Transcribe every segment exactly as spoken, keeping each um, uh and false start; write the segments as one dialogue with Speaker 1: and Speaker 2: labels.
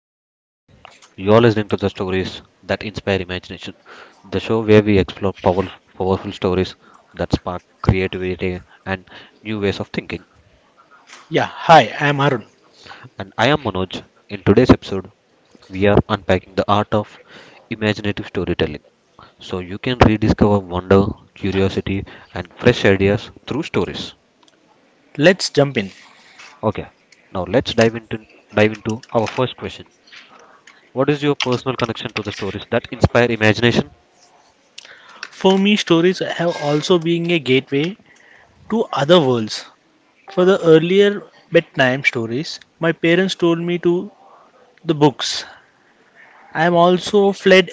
Speaker 1: Hi everyone, you're listening to the stories that inspire imagination, the show where we explore powerful, powerful stories that spark creativity and new ways of thinking.
Speaker 2: Yeah, hi, I'm Arun.
Speaker 1: And I am Manoj. In today's episode, we are unpacking the art of imaginative storytelling so you can rediscover wonder, curiosity, and fresh ideas through stories.
Speaker 2: Let's jump in.
Speaker 1: Okay, now let's dive into dive into our first question. What is your personal connection to the stories that inspire imagination?
Speaker 2: For me, stories have also been a gateway to other worlds. For the earlier bedtime stories, my parents told me to the books. I'm also fled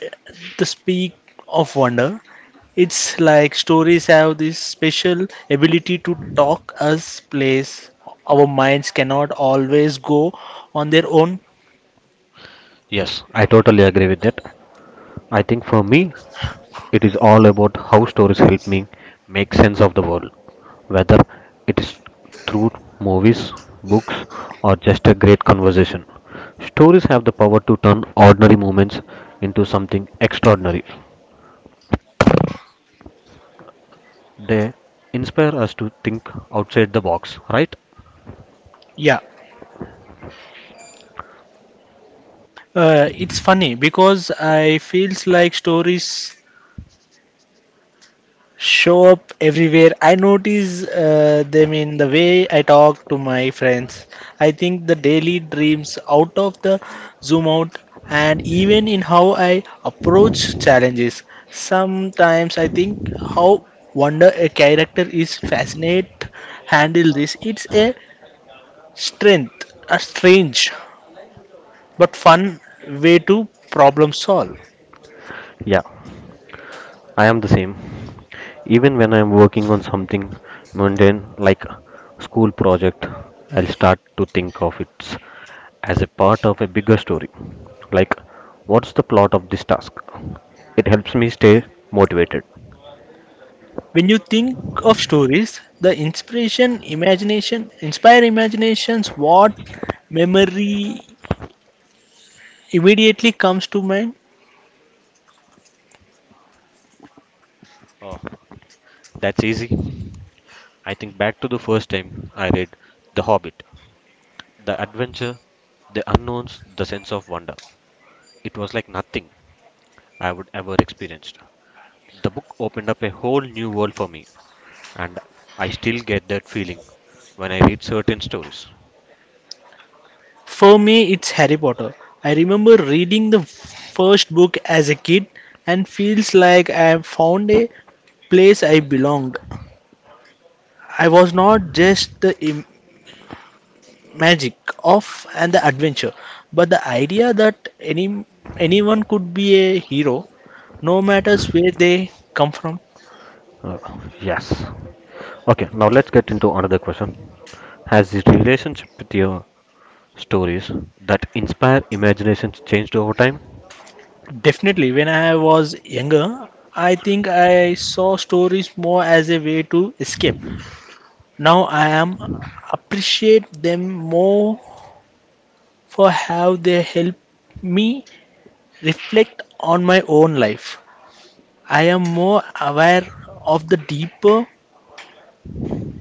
Speaker 2: the speak of wonder. It's like stories have this special ability to talk us place. Our minds cannot always go on their own.
Speaker 1: Yes, I totally agree with that. I think for me, it is all about how stories help me make sense of the world, whether it is through movies, books, or just a great conversation. Stories have the power to turn ordinary moments into something extraordinary. They inspire us to think outside the box, right?
Speaker 2: Yeah. Uh, it's funny because I feels like stories show up everywhere. I notice uh, them in the way I talk to my friends. I think the daily dreams out of the zoom out and even in how I approach challenges. Sometimes I think how wonder a character is fascinate handle this. It's a strength, a strange but fun way to problem solve.
Speaker 1: Yeah. I am the same. Even when I am working on something mundane like school project, I'll start to think of it as a part of a bigger story. Like, what's the plot of this task? It helps me stay motivated.
Speaker 2: When you think of stories, the inspiration, imagination, inspire imaginations, what memory immediately comes to mind?
Speaker 1: Oh, that's easy. I think back to the first time I read The Hobbit. The adventure, the unknowns, the sense of wonder. It was like nothing I would ever experienced. The book opened up a whole new world for me, and I still get that feeling when I read certain stories.
Speaker 2: For me, it's Harry Potter. I remember reading the first book as a kid and feels like I have found a place I belonged. I was not just the im- magic of and the adventure, but the idea that any anyone could be a hero, no matters where they come from.
Speaker 1: Uh, yes. Okay, now let's get into another question. Has this relationship with your stories that inspire imaginations changed over time?
Speaker 2: Definitely, when I was younger, I think I saw stories more as a way to escape. Now I am appreciate them more for how they help me reflect on my own life. I am more aware of the deeper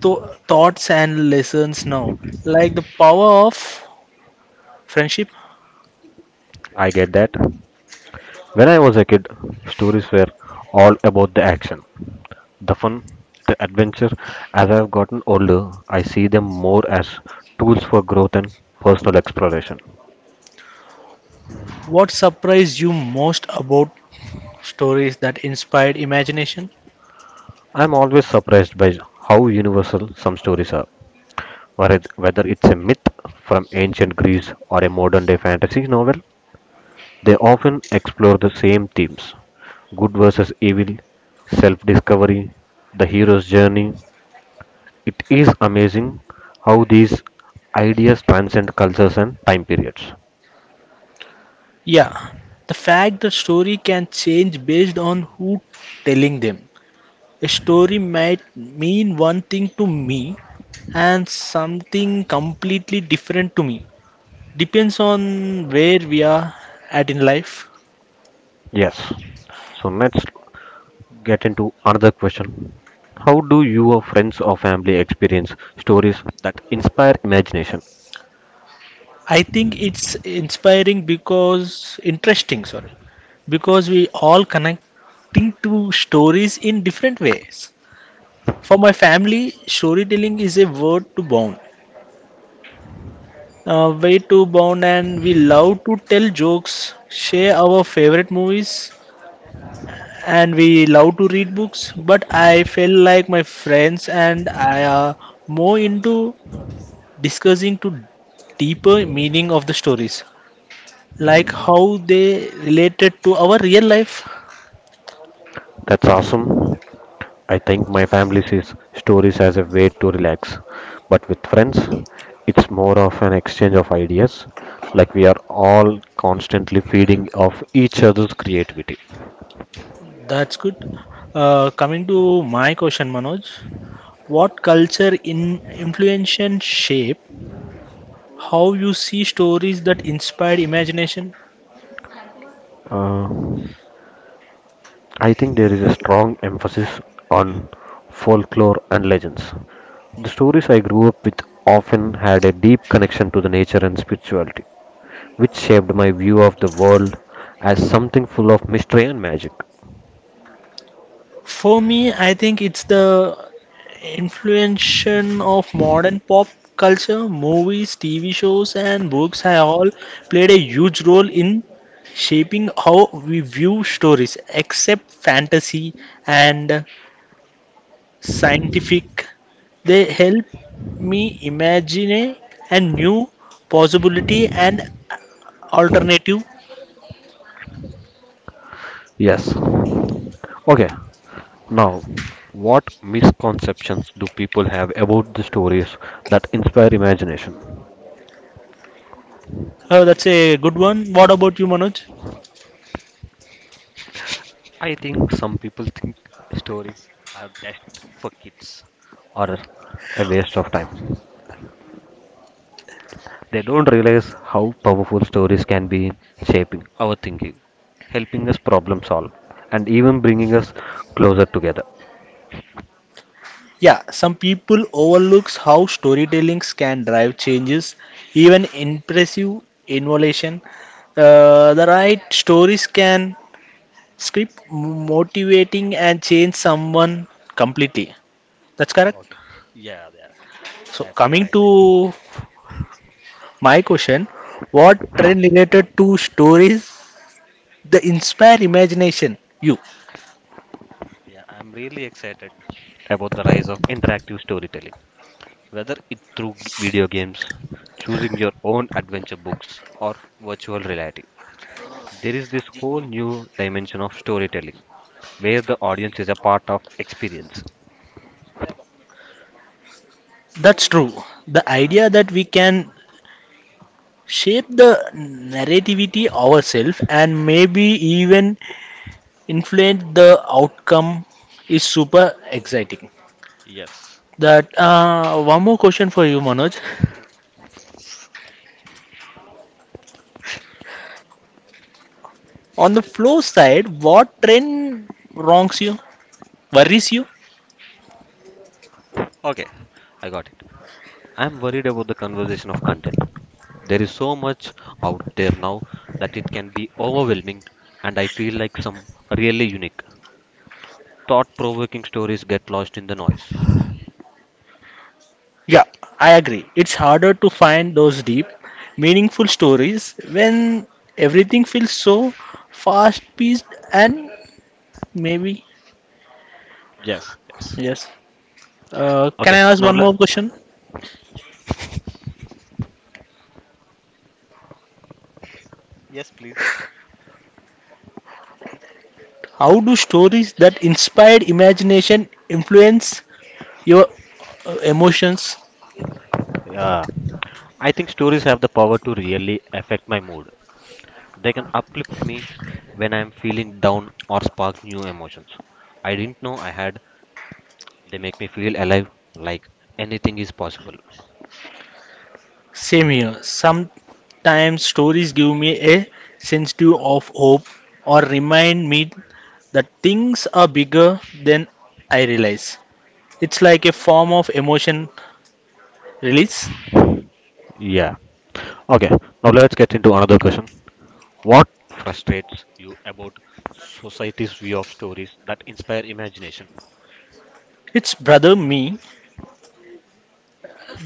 Speaker 2: tho- thoughts and lessons now, like the power of friendship.
Speaker 1: I get that. When I was a kid, stories were all about the action, the fun, the adventure. As I've gotten older, I see them more as tools for growth and personal exploration.
Speaker 2: What surprised you most about stories that inspired imagination?
Speaker 1: I'm always surprised by how universal some stories are. Whether it's a myth from ancient Greece or a modern day fantasy novel, they often explore the same themes: good versus evil, self discovery, the hero's journey. It is amazing how these ideas transcend cultures and time periods.
Speaker 2: Yeah, the fact the story can change based on who telling them. A story might mean one thing to me and something completely different to me. Depends on where we are at in life.
Speaker 1: Yes, so let's get into another question. How do your friends or family experience stories that inspire imagination?
Speaker 2: I think it's inspiring because interesting, sorry, because we all connecting to stories in different ways. For my family, storytelling is a word to bond. Uh, way too bound, and we love to tell jokes, share our favorite movies, and we love to read books. But I feel like my friends and I are more into discussing to deeper meaning of the stories, like how they related to our real life.
Speaker 1: That's awesome. I think my family sees stories as a way to relax, but with friends, it's more of an exchange of ideas, like we are all constantly feeding off each other's creativity.
Speaker 2: That's good. Uh, coming to my question, Manoj, what culture in influence and shape how you see stories that inspire imagination?
Speaker 1: Uh, I think there is a strong emphasis on folklore and legends. The stories I grew up with often had a deep connection to the nature and spirituality, which shaped my view of the world as something full of mystery and magic.
Speaker 2: For me, I think it's the influence of modern pop culture, movies, T V shows, and books have all played a huge role in shaping how we view stories, except fantasy and scientific. They help me imagine a new possibility and alternative.
Speaker 1: Yes. Okay, now, what misconceptions do people have about the stories that inspire imagination?
Speaker 2: Oh, that's a good one. What about you, Manoj?
Speaker 1: I think some people think stories are just for kids or a waste of time. They don't realize how powerful stories can be in shaping our thinking, helping us problem solve, and even bringing us closer together.
Speaker 2: Yeah, some people overlooks how storytellings can drive changes, even impressive innovation. Uh, the right stories can script motivating and change someone completely. That's correct.
Speaker 1: Okay. Yeah, yeah,
Speaker 2: So
Speaker 1: that's
Speaker 2: coming
Speaker 1: correct.
Speaker 2: to my question, what trend related to stories the inspire imagination? You.
Speaker 1: Yeah, I'm really excited about the rise of interactive storytelling. Whether it through g- video games, choosing your own adventure books, or virtual reality, there is this whole new dimension of storytelling where the audience is a part of experience.
Speaker 2: That's true. The idea that we can shape the narrativity ourselves and maybe even influence the outcome is super exciting.
Speaker 1: Yes.
Speaker 2: That uh, one more question for you, Manoj. On the flow side, what trend wrongs you, worries you?
Speaker 1: Okay, I got it. I'm worried about the conversation of content. There is so much out there now that it can be overwhelming, and I feel like some really unique, thought provoking stories get lost in the noise.
Speaker 2: Yeah, I agree. It's harder to find those deep, meaningful stories when everything feels so fast-paced and maybe
Speaker 1: Yes. Yes.
Speaker 2: yes. Uh, can I
Speaker 1: Okay,
Speaker 2: ask
Speaker 1: now
Speaker 2: one
Speaker 1: le-
Speaker 2: more question? How do stories that inspired imagination influence your uh, emotions?
Speaker 1: yeah. I think stories have the power to really affect my mood. They can uplift me when I am feeling down or spark new emotions. I didn't know I had. They make me feel alive, like anything is possible.
Speaker 2: Same here. Sometimes stories give me a sense too of hope or remind me that things are bigger than I realize. It's like a form of emotion release.
Speaker 1: Yeah. Okay. Now let's get into another question. What frustrates you about society's view of stories that inspire imagination?
Speaker 2: It's brother me.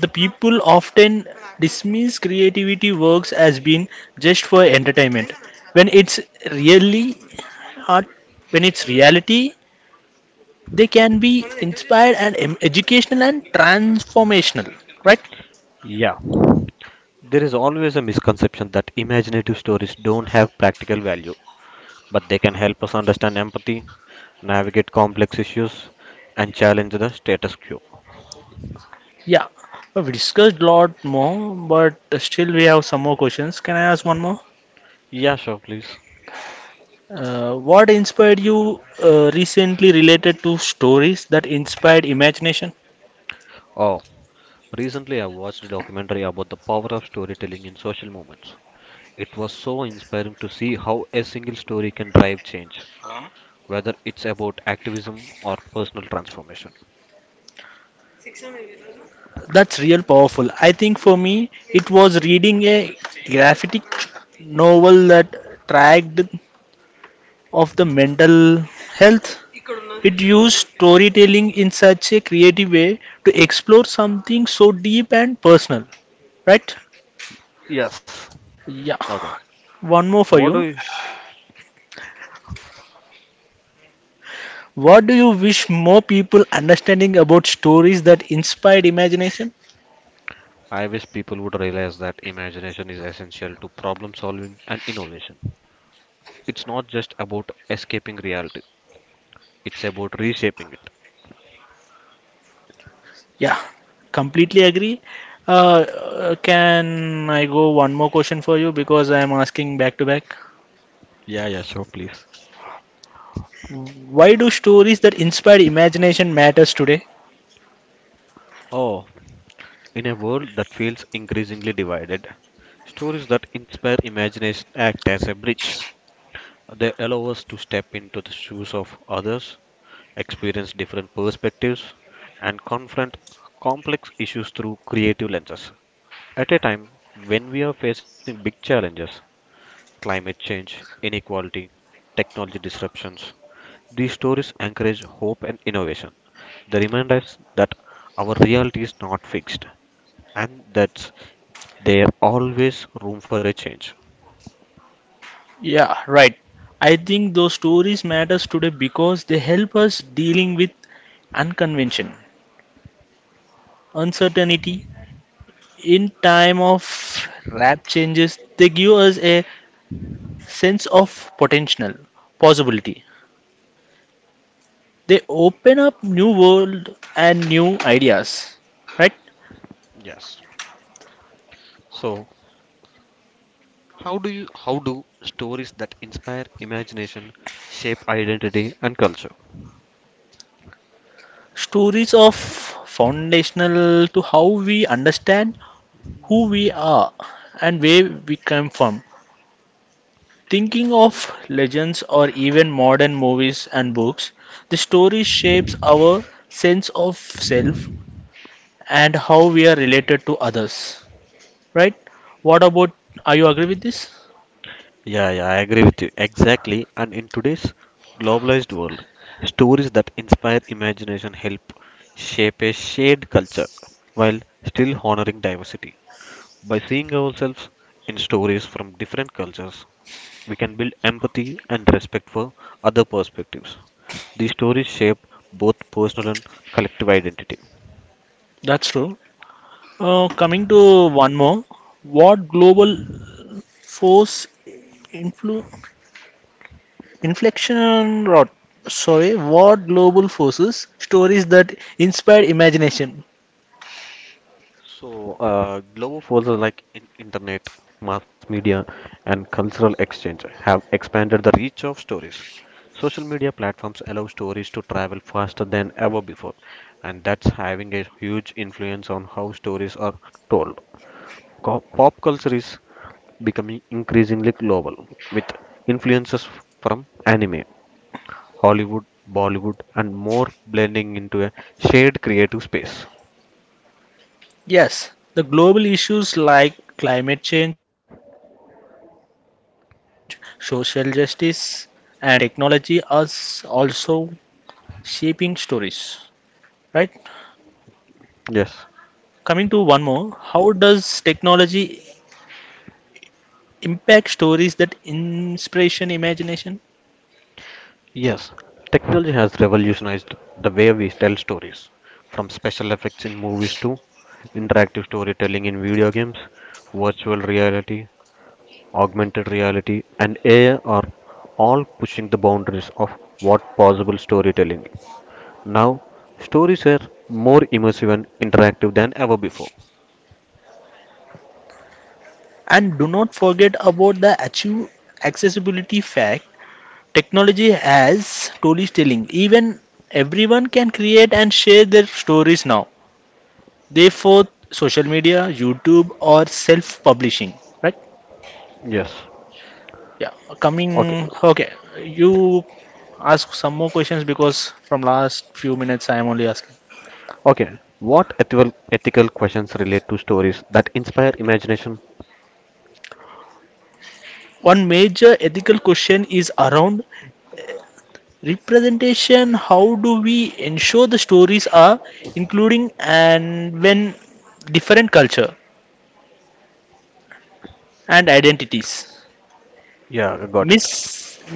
Speaker 2: The people often dismiss creativity works as being just for entertainment. When it's really art, when it's reality, they can be inspired and em- educational and transformational, right?
Speaker 1: Yeah. There is always a misconception that imaginative stories don't have practical value, but they can help us understand empathy, navigate complex issues, and challenge the status quo.
Speaker 2: Yeah, we discussed a lot more, but still we have some more questions. Can I ask one more?
Speaker 1: Yeah, sure, please.
Speaker 2: Uh, what inspired you uh, recently related to stories that inspired imagination?
Speaker 1: Oh, recently I watched a documentary about the power of storytelling in social movements. It was so inspiring to see how a single story can drive change, whether it's about activism or personal transformation.
Speaker 2: That's real powerful. I think for me, it was reading a graphic novel that tracked of the mental health. It used storytelling in such a creative way to explore something so deep and personal, right?
Speaker 1: Yes.
Speaker 2: Yeah,
Speaker 1: Okay,
Speaker 2: one more for
Speaker 1: what do
Speaker 2: you.
Speaker 1: you?
Speaker 2: What do you wish more people understanding about stories that inspired imagination?
Speaker 1: I wish people would realize that imagination is essential to problem solving and innovation. It's not just about escaping reality, it's about reshaping it.
Speaker 2: Yeah, completely agree. Uh, uh, can I go one more question for you because I am asking back to back?
Speaker 1: Yeah, yeah, sure, please.
Speaker 2: Why do stories that inspire imagination matters today?
Speaker 1: Oh, in a world that feels increasingly divided, stories that inspire imagination act as a bridge. They allow us to step into the shoes of others, experience different perspectives, and confront complex issues through creative lenses. At a time when we are facing big challenges: climate change, inequality, technology disruptions, these stories encourage hope and innovation. They remind us that our reality is not fixed and that's there always room for a change.
Speaker 2: Yeah, right. I think those stories matters today because they help us dealing with unconvention, uncertainty. In time of rap changes, they give us a sense of potential, possibility. They open up new world and new ideas, right?
Speaker 1: Yes. So, how do you how do stories that inspire imagination shape identity and culture?
Speaker 2: Stories of foundational to how we understand who we are and where we come from. Thinking of legends or even modern movies and books, the story shapes our sense of self and how we are related to others, right? What about? Are you agree with this?
Speaker 1: Yeah, yeah, I agree with you. Exactly. And in today's globalized world, stories that inspire imagination help shape a shared culture while still honoring diversity. By seeing ourselves in stories from different cultures, we can build empathy and respect for other perspectives. The stories shape both personal and collective identity.
Speaker 2: That's true. Uh, coming to one more, what global force influ- inflection rot? Sorry, what global forces stories that inspire imagination?
Speaker 1: So, uh, global forces like in- internet, mass media, and cultural exchange have expanded the reach of stories. Social media platforms allow stories to travel faster than ever before, and that's having a huge influence on how stories are told. Co- Pop culture is becoming increasingly global with influences from anime, Hollywood, Bollywood, and more blending into a shared creative space.
Speaker 2: Yes, the global issues like climate change, social justice, and technology are s- also shaping stories. Right?
Speaker 1: Yes.
Speaker 2: Coming to one more, how does technology impact stories that inspiration imagination?
Speaker 1: Yes, technology has revolutionized the way we tell stories, from special effects in movies to interactive storytelling in video games, virtual reality, augmented reality, and A I are all pushing the boundaries of what possible storytelling. Now, stories are more immersive and interactive than ever before.
Speaker 2: And do not forget about the achieve accessibility fact. Technology has story telling. Even everyone can create and share their stories now. Therefore, social media, YouTube, or self-publishing. Right?
Speaker 1: Yes.
Speaker 2: Yeah.
Speaker 1: Okay.
Speaker 2: Coming. Okay. You ask some more questions because from last few minutes I am only asking.
Speaker 1: Okay, what ethical ethical questions relate to stories that inspire imagination?
Speaker 2: One major ethical question is around representation. How do we ensure the stories are including and when different culture and identities
Speaker 1: Yeah, I got it.
Speaker 2: miss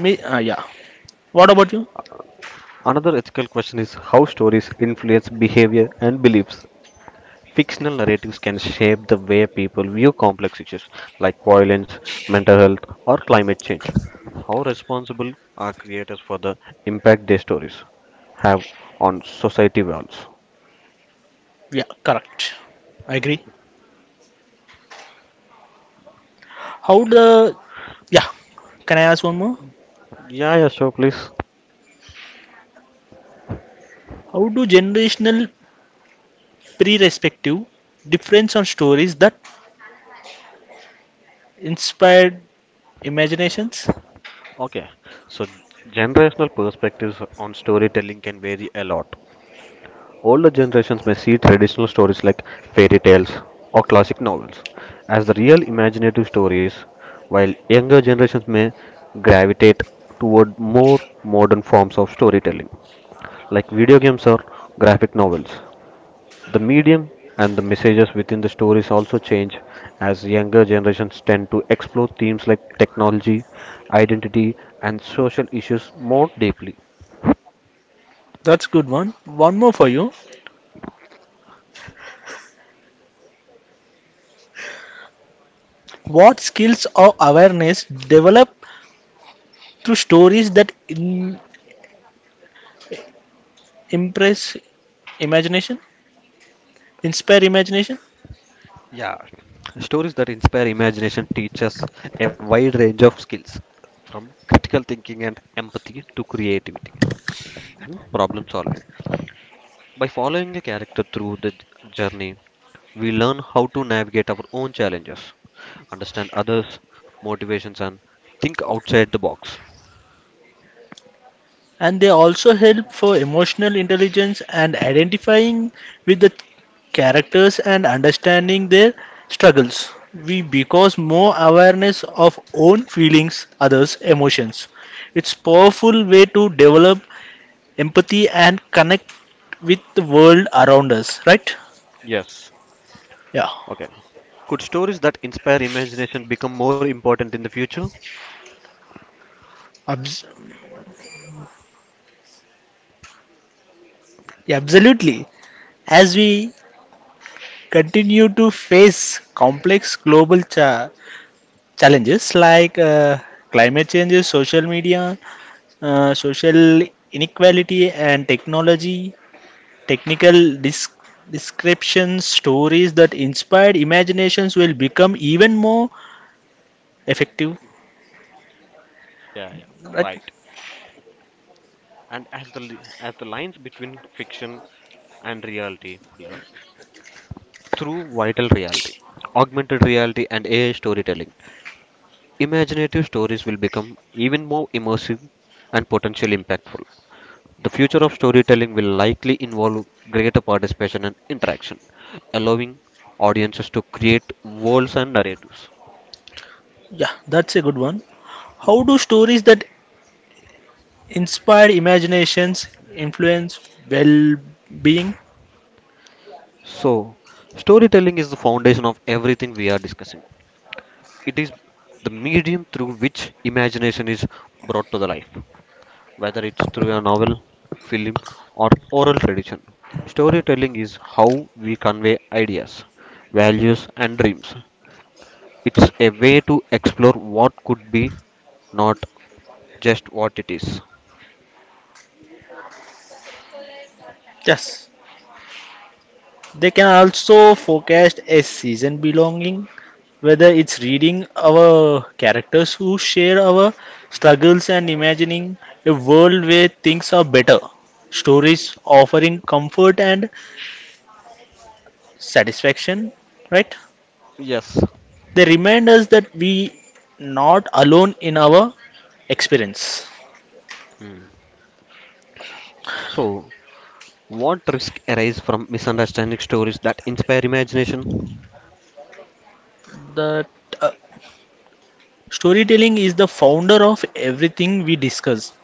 Speaker 2: mi- uh, yeah. What about you?
Speaker 1: Another ethical question is how stories influence behavior and beliefs. Fictional narratives can shape the way people view complex issues like violence, mental health, or climate change. How responsible are creators for the impact their stories have on society values?
Speaker 2: Yeah, correct. I agree. How the, yeah, can I ask one more?
Speaker 1: Yeah, yeah, sure, please.
Speaker 2: How do generational pre-respective difference on stories that inspired imaginations?
Speaker 1: Okay, so generational perspectives on storytelling can vary a lot. Older generations may see traditional stories like fairy tales or classic novels as the real imaginative stories, while younger generations may gravitate toward more modern forms of storytelling, like video games or graphic novels. The medium and the messages within the stories also change as younger generations tend to explore themes like technology, identity, and social issues more deeply.
Speaker 2: That's good one. One more for you. What skills or awareness develop through stories that in impress imagination, inspire imagination,
Speaker 1: Yeah, stories that inspire imagination teach us a wide range of skills, from critical thinking and empathy to creativity and problem solving. By following a character through the j- journey, we learn how to navigate our own challenges, understand others' motivations, and think outside the box.
Speaker 2: and they also help for emotional intelligence and identifying with the characters and understanding their struggles. We because more awareness of own feelings, others' emotions. It's powerful way to develop empathy and connect with the world around us, right?
Speaker 1: Yes.
Speaker 2: Yeah.
Speaker 1: Okay. Could stories that inspire imagination become more important in the future?
Speaker 2: Abs- yeah, absolutely. As we continue to face complex global cha- challenges like uh, climate changes, social media, uh, social inequality, and technology, technical dis- descriptions, stories that inspired imaginations will become even more effective.
Speaker 1: Yeah, yeah,
Speaker 2: Right?
Speaker 1: right. And as the li- as the lines between fiction and reality blur, through vital reality, augmented reality, and A I storytelling. Imaginative stories will become even more immersive and potentially impactful. The future of storytelling will likely involve greater participation and interaction, allowing audiences to create worlds and narratives.
Speaker 2: Yeah, that's a good one. How do stories that inspire imaginations influence well being?
Speaker 1: So, storytelling is the foundation of everything we are discussing. It is the medium through which imagination is brought to the life, whether it's through a novel, film, or oral tradition. Storytelling is how we convey ideas, values, and dreams. It's a way to explore what could be, not just what it is.
Speaker 2: Yes. They can also forecast a season belonging, whether it's reading our characters who share our struggles and imagining a world where things are better. Stories offering comfort and satisfaction, right?
Speaker 1: Yes.
Speaker 2: They remind us that we not alone in our experience.
Speaker 1: Hmm. So, what risk arise from misunderstanding stories that inspire imagination?
Speaker 2: That uh, storytelling is the founder of everything we discuss.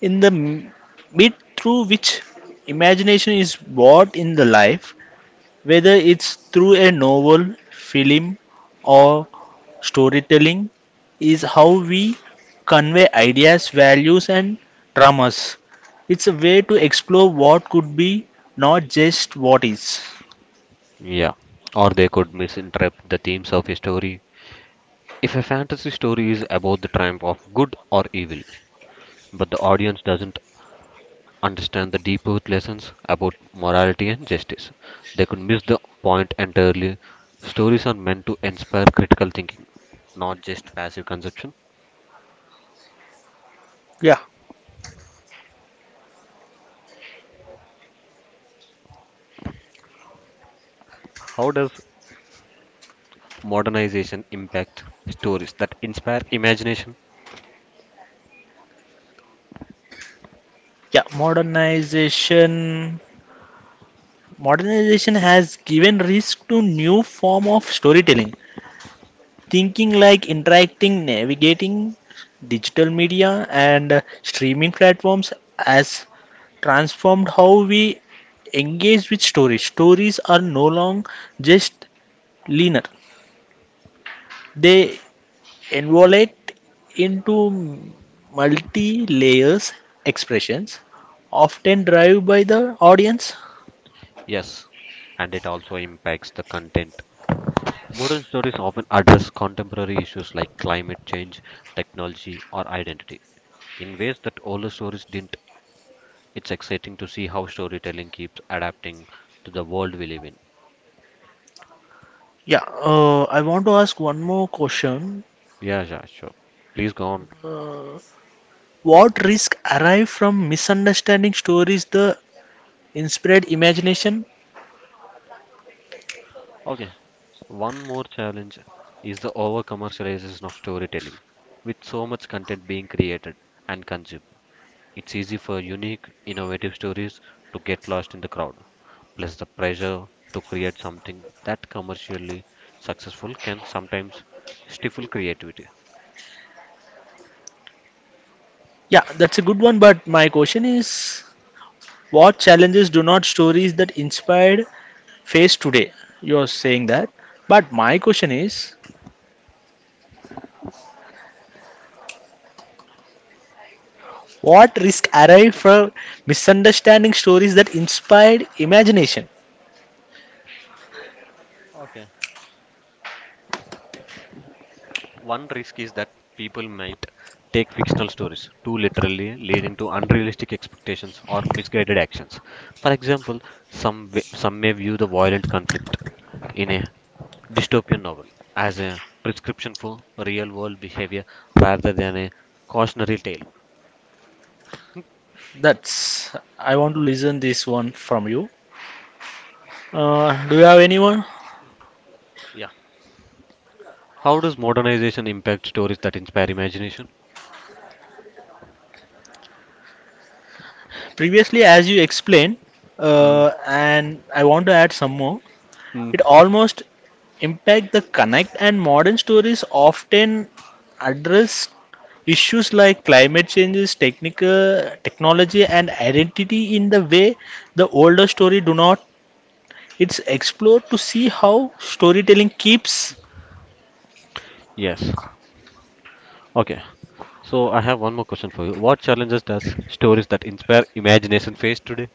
Speaker 2: In the m- bit through which imagination is brought in the life, whether it's through a novel, film, or storytelling, is how we convey ideas, values, and dramas. It's a way to explore what could be, not just what is.
Speaker 1: Yeah, or they could misinterpret the themes of a story. If a fantasy story is about the triumph of good or evil, but the audience doesn't understand the deep root lessons about morality and justice. They could miss the point entirely. Stories are meant to inspire critical thinking, not just passive consumption.
Speaker 2: Yeah,
Speaker 1: How does modernization impact stories that inspire imagination?
Speaker 2: yeah. Modernization, modernization has given rise to new form of storytelling. Thinking like interacting, navigating digital media and uh, streaming platforms has transformed how we engage with stories. Stories are no longer just linear, they evolve into multi layers expressions, often driven by the audience.
Speaker 1: Yes, and it also impacts the content. Modern stories often address contemporary issues like climate change, technology, or identity in ways that older stories didn't. It's exciting to see how storytelling keeps adapting to the world we live in.
Speaker 2: Yeah, uh, I want to ask one more question.
Speaker 1: Yeah, yeah, sure. Please go on.
Speaker 2: Uh, what risk arrive from misunderstanding stories the inspired imagination?
Speaker 1: Okay, one more challenge is the over commercialization of storytelling. With so much content being created and consumed, it's easy for unique, innovative stories to get lost in the crowd. Plus, the pressure to create something that commercially successful can sometimes stifle creativity.
Speaker 2: Yeah, that's a good one, but my question is what challenges do not stories that inspired face today? You're saying that. But my question is what risk arise from misunderstanding stories that inspired imagination?
Speaker 1: Okay. One risk is that people might take fictional stories too literally, leading to unrealistic expectations or misguided actions. For example, some w- some may view the violent conflict in a dystopian novel as a prescription for real-world behavior rather than a cautionary tale.
Speaker 2: That's I want to listen this one from you. Uh, do you have anyone?
Speaker 1: Yeah. How does modernization impact stories that inspire imagination?
Speaker 2: Previously, as you explained,
Speaker 1: Mm.
Speaker 2: uh, and I want to add some more.
Speaker 1: Mm.
Speaker 2: It almost impact the connect and modern stories often address issues like climate changes, technical technology and identity in the way the older story do not. It's explored to see how storytelling keeps.
Speaker 1: Yes. Okay. So I have one more question for you. What challenges does stories that inspire imagination face today?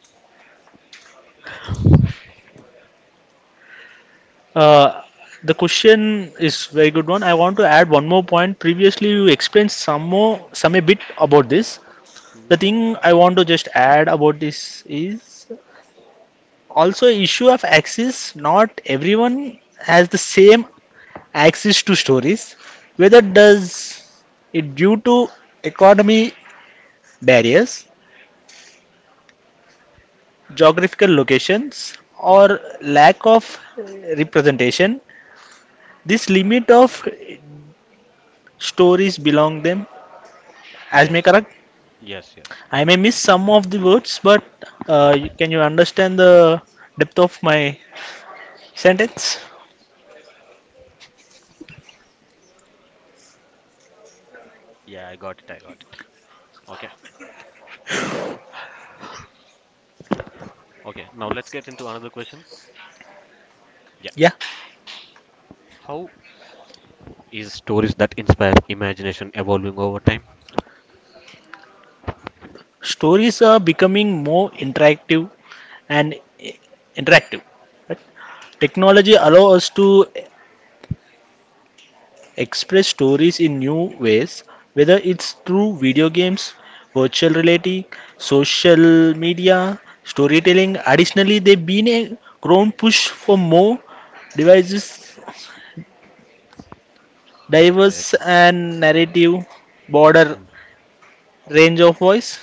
Speaker 2: uh, the question is very good one. I want to add one more point. Previously you explained some more some a bit about this.
Speaker 1: Mm.
Speaker 2: The thing I want to just add about this is also issue of access. Not everyone has the same access to stories, whether does it due to economy barriers, geographical locations or lack of representation. This limit of stories belong them, as may
Speaker 1: Yes.
Speaker 2: correct.
Speaker 1: Yes, yes.
Speaker 2: I may miss some of the words, but uh, you- can you understand the depth of my sentence?
Speaker 1: Yeah, I got it. I got it. Okay. Okay. Now let's get into another question. Yeah.
Speaker 2: Yeah,
Speaker 1: How is stories that inspire imagination evolving over time?
Speaker 2: stories are becoming more interactive and interactive, right? Technology allows us to express stories in new ways, whether it's through video games, virtual reality, social media, storytelling. Additionally, they've been a grown push for more devices,
Speaker 1: Yes, I
Speaker 2: diverse
Speaker 1: agree.
Speaker 2: and narrative, broader
Speaker 1: Mm.
Speaker 2: range of voice.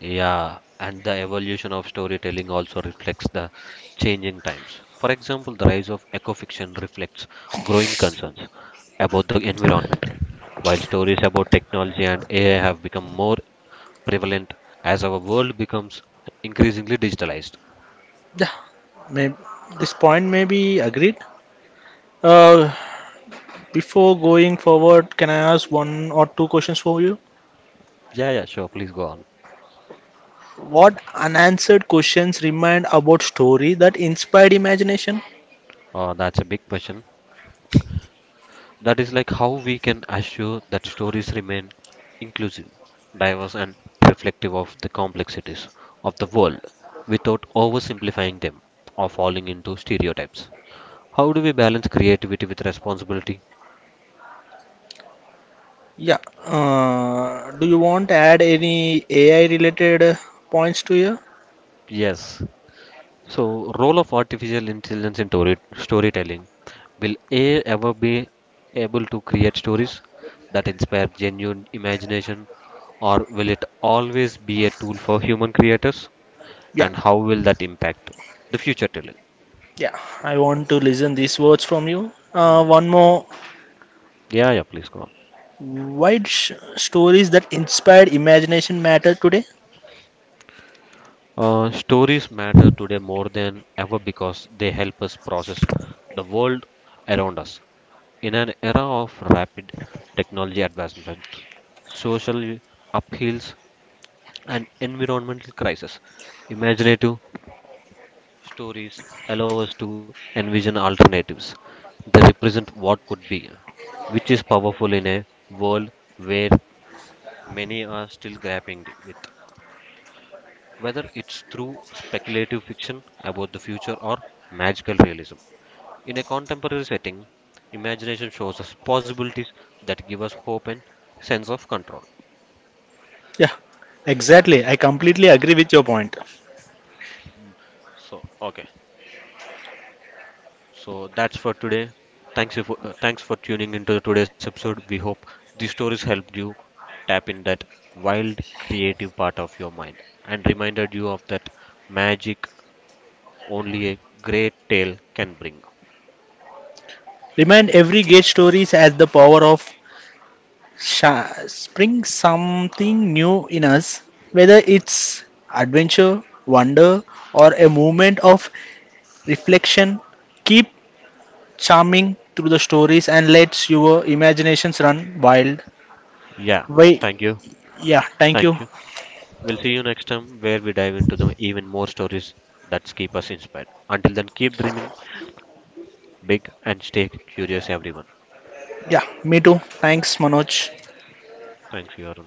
Speaker 1: Yeah, and the evolution of storytelling also reflects the changing times. For example, the rise of ecofiction reflects growing concerns about the environment, while stories about technology and A I have become more prevalent as our world becomes increasingly digitalized.
Speaker 2: Yeah, may, this point may be agreed. Uh, Before going forward, can I ask one or two questions for you?
Speaker 1: Yeah, yeah, sure. Please go on.
Speaker 2: What unanswered questions remained about story that inspired imagination?
Speaker 1: Oh, that's a big question. That is like how we can assure that stories remain inclusive, diverse, and reflective of the complexities of the world without oversimplifying them or falling into stereotypes. How do we balance creativity with responsibility?
Speaker 2: Yeah. Uh, do you want to add any A I related uh, points to you?
Speaker 1: Yes. So, role of artificial intelligence in story- storytelling, will A I ever be able to create stories that inspire genuine imagination, or will it always be a tool for human creators?
Speaker 2: Yeah.
Speaker 1: And how will that impact the future talent?
Speaker 2: Yeah. I want to listen these words from you. Uh,
Speaker 1: Hmm.
Speaker 2: one more.
Speaker 1: Yeah, yeah, please go on.
Speaker 2: Why d- sh- stories that inspired imagination matter today?
Speaker 1: Uh, stories matter today more than ever because they help us process the world around us. In an era of rapid technology advancement, social upheavals, and environmental crisis, imaginative stories allow us to envision alternatives. They represent what could be, which is powerful in a world where many are still grappling with, whether it's through speculative fiction about the future or magical realism. In a contemporary setting, imagination shows us possibilities that give us hope and sense of control.
Speaker 2: Yeah. Exactly. I completely agree with your point.
Speaker 1: Mm, so, okay, so that's for today. Thanks for uh, thanks for tuning into today's episode. We hope these stories helped you tap in that wild creative part of your mind and reminded you of that magic only a great tale can bring.
Speaker 2: Remind every great stories has the power of sha- spring something new in us, whether it's adventure, wonder, or a moment of reflection. Keep charming through the stories and let your imaginations run wild.
Speaker 1: Yeah,
Speaker 2: Wait,
Speaker 1: thank you.
Speaker 2: yeah, thank
Speaker 1: Thank
Speaker 2: you.
Speaker 1: you. We'll see you next time where we dive into the even more stories that keep us inspired. Until then, keep dreaming big and stay curious, everyone.
Speaker 2: Yeah, me too. Thanks, Manoj.
Speaker 1: Thanks, Yaron.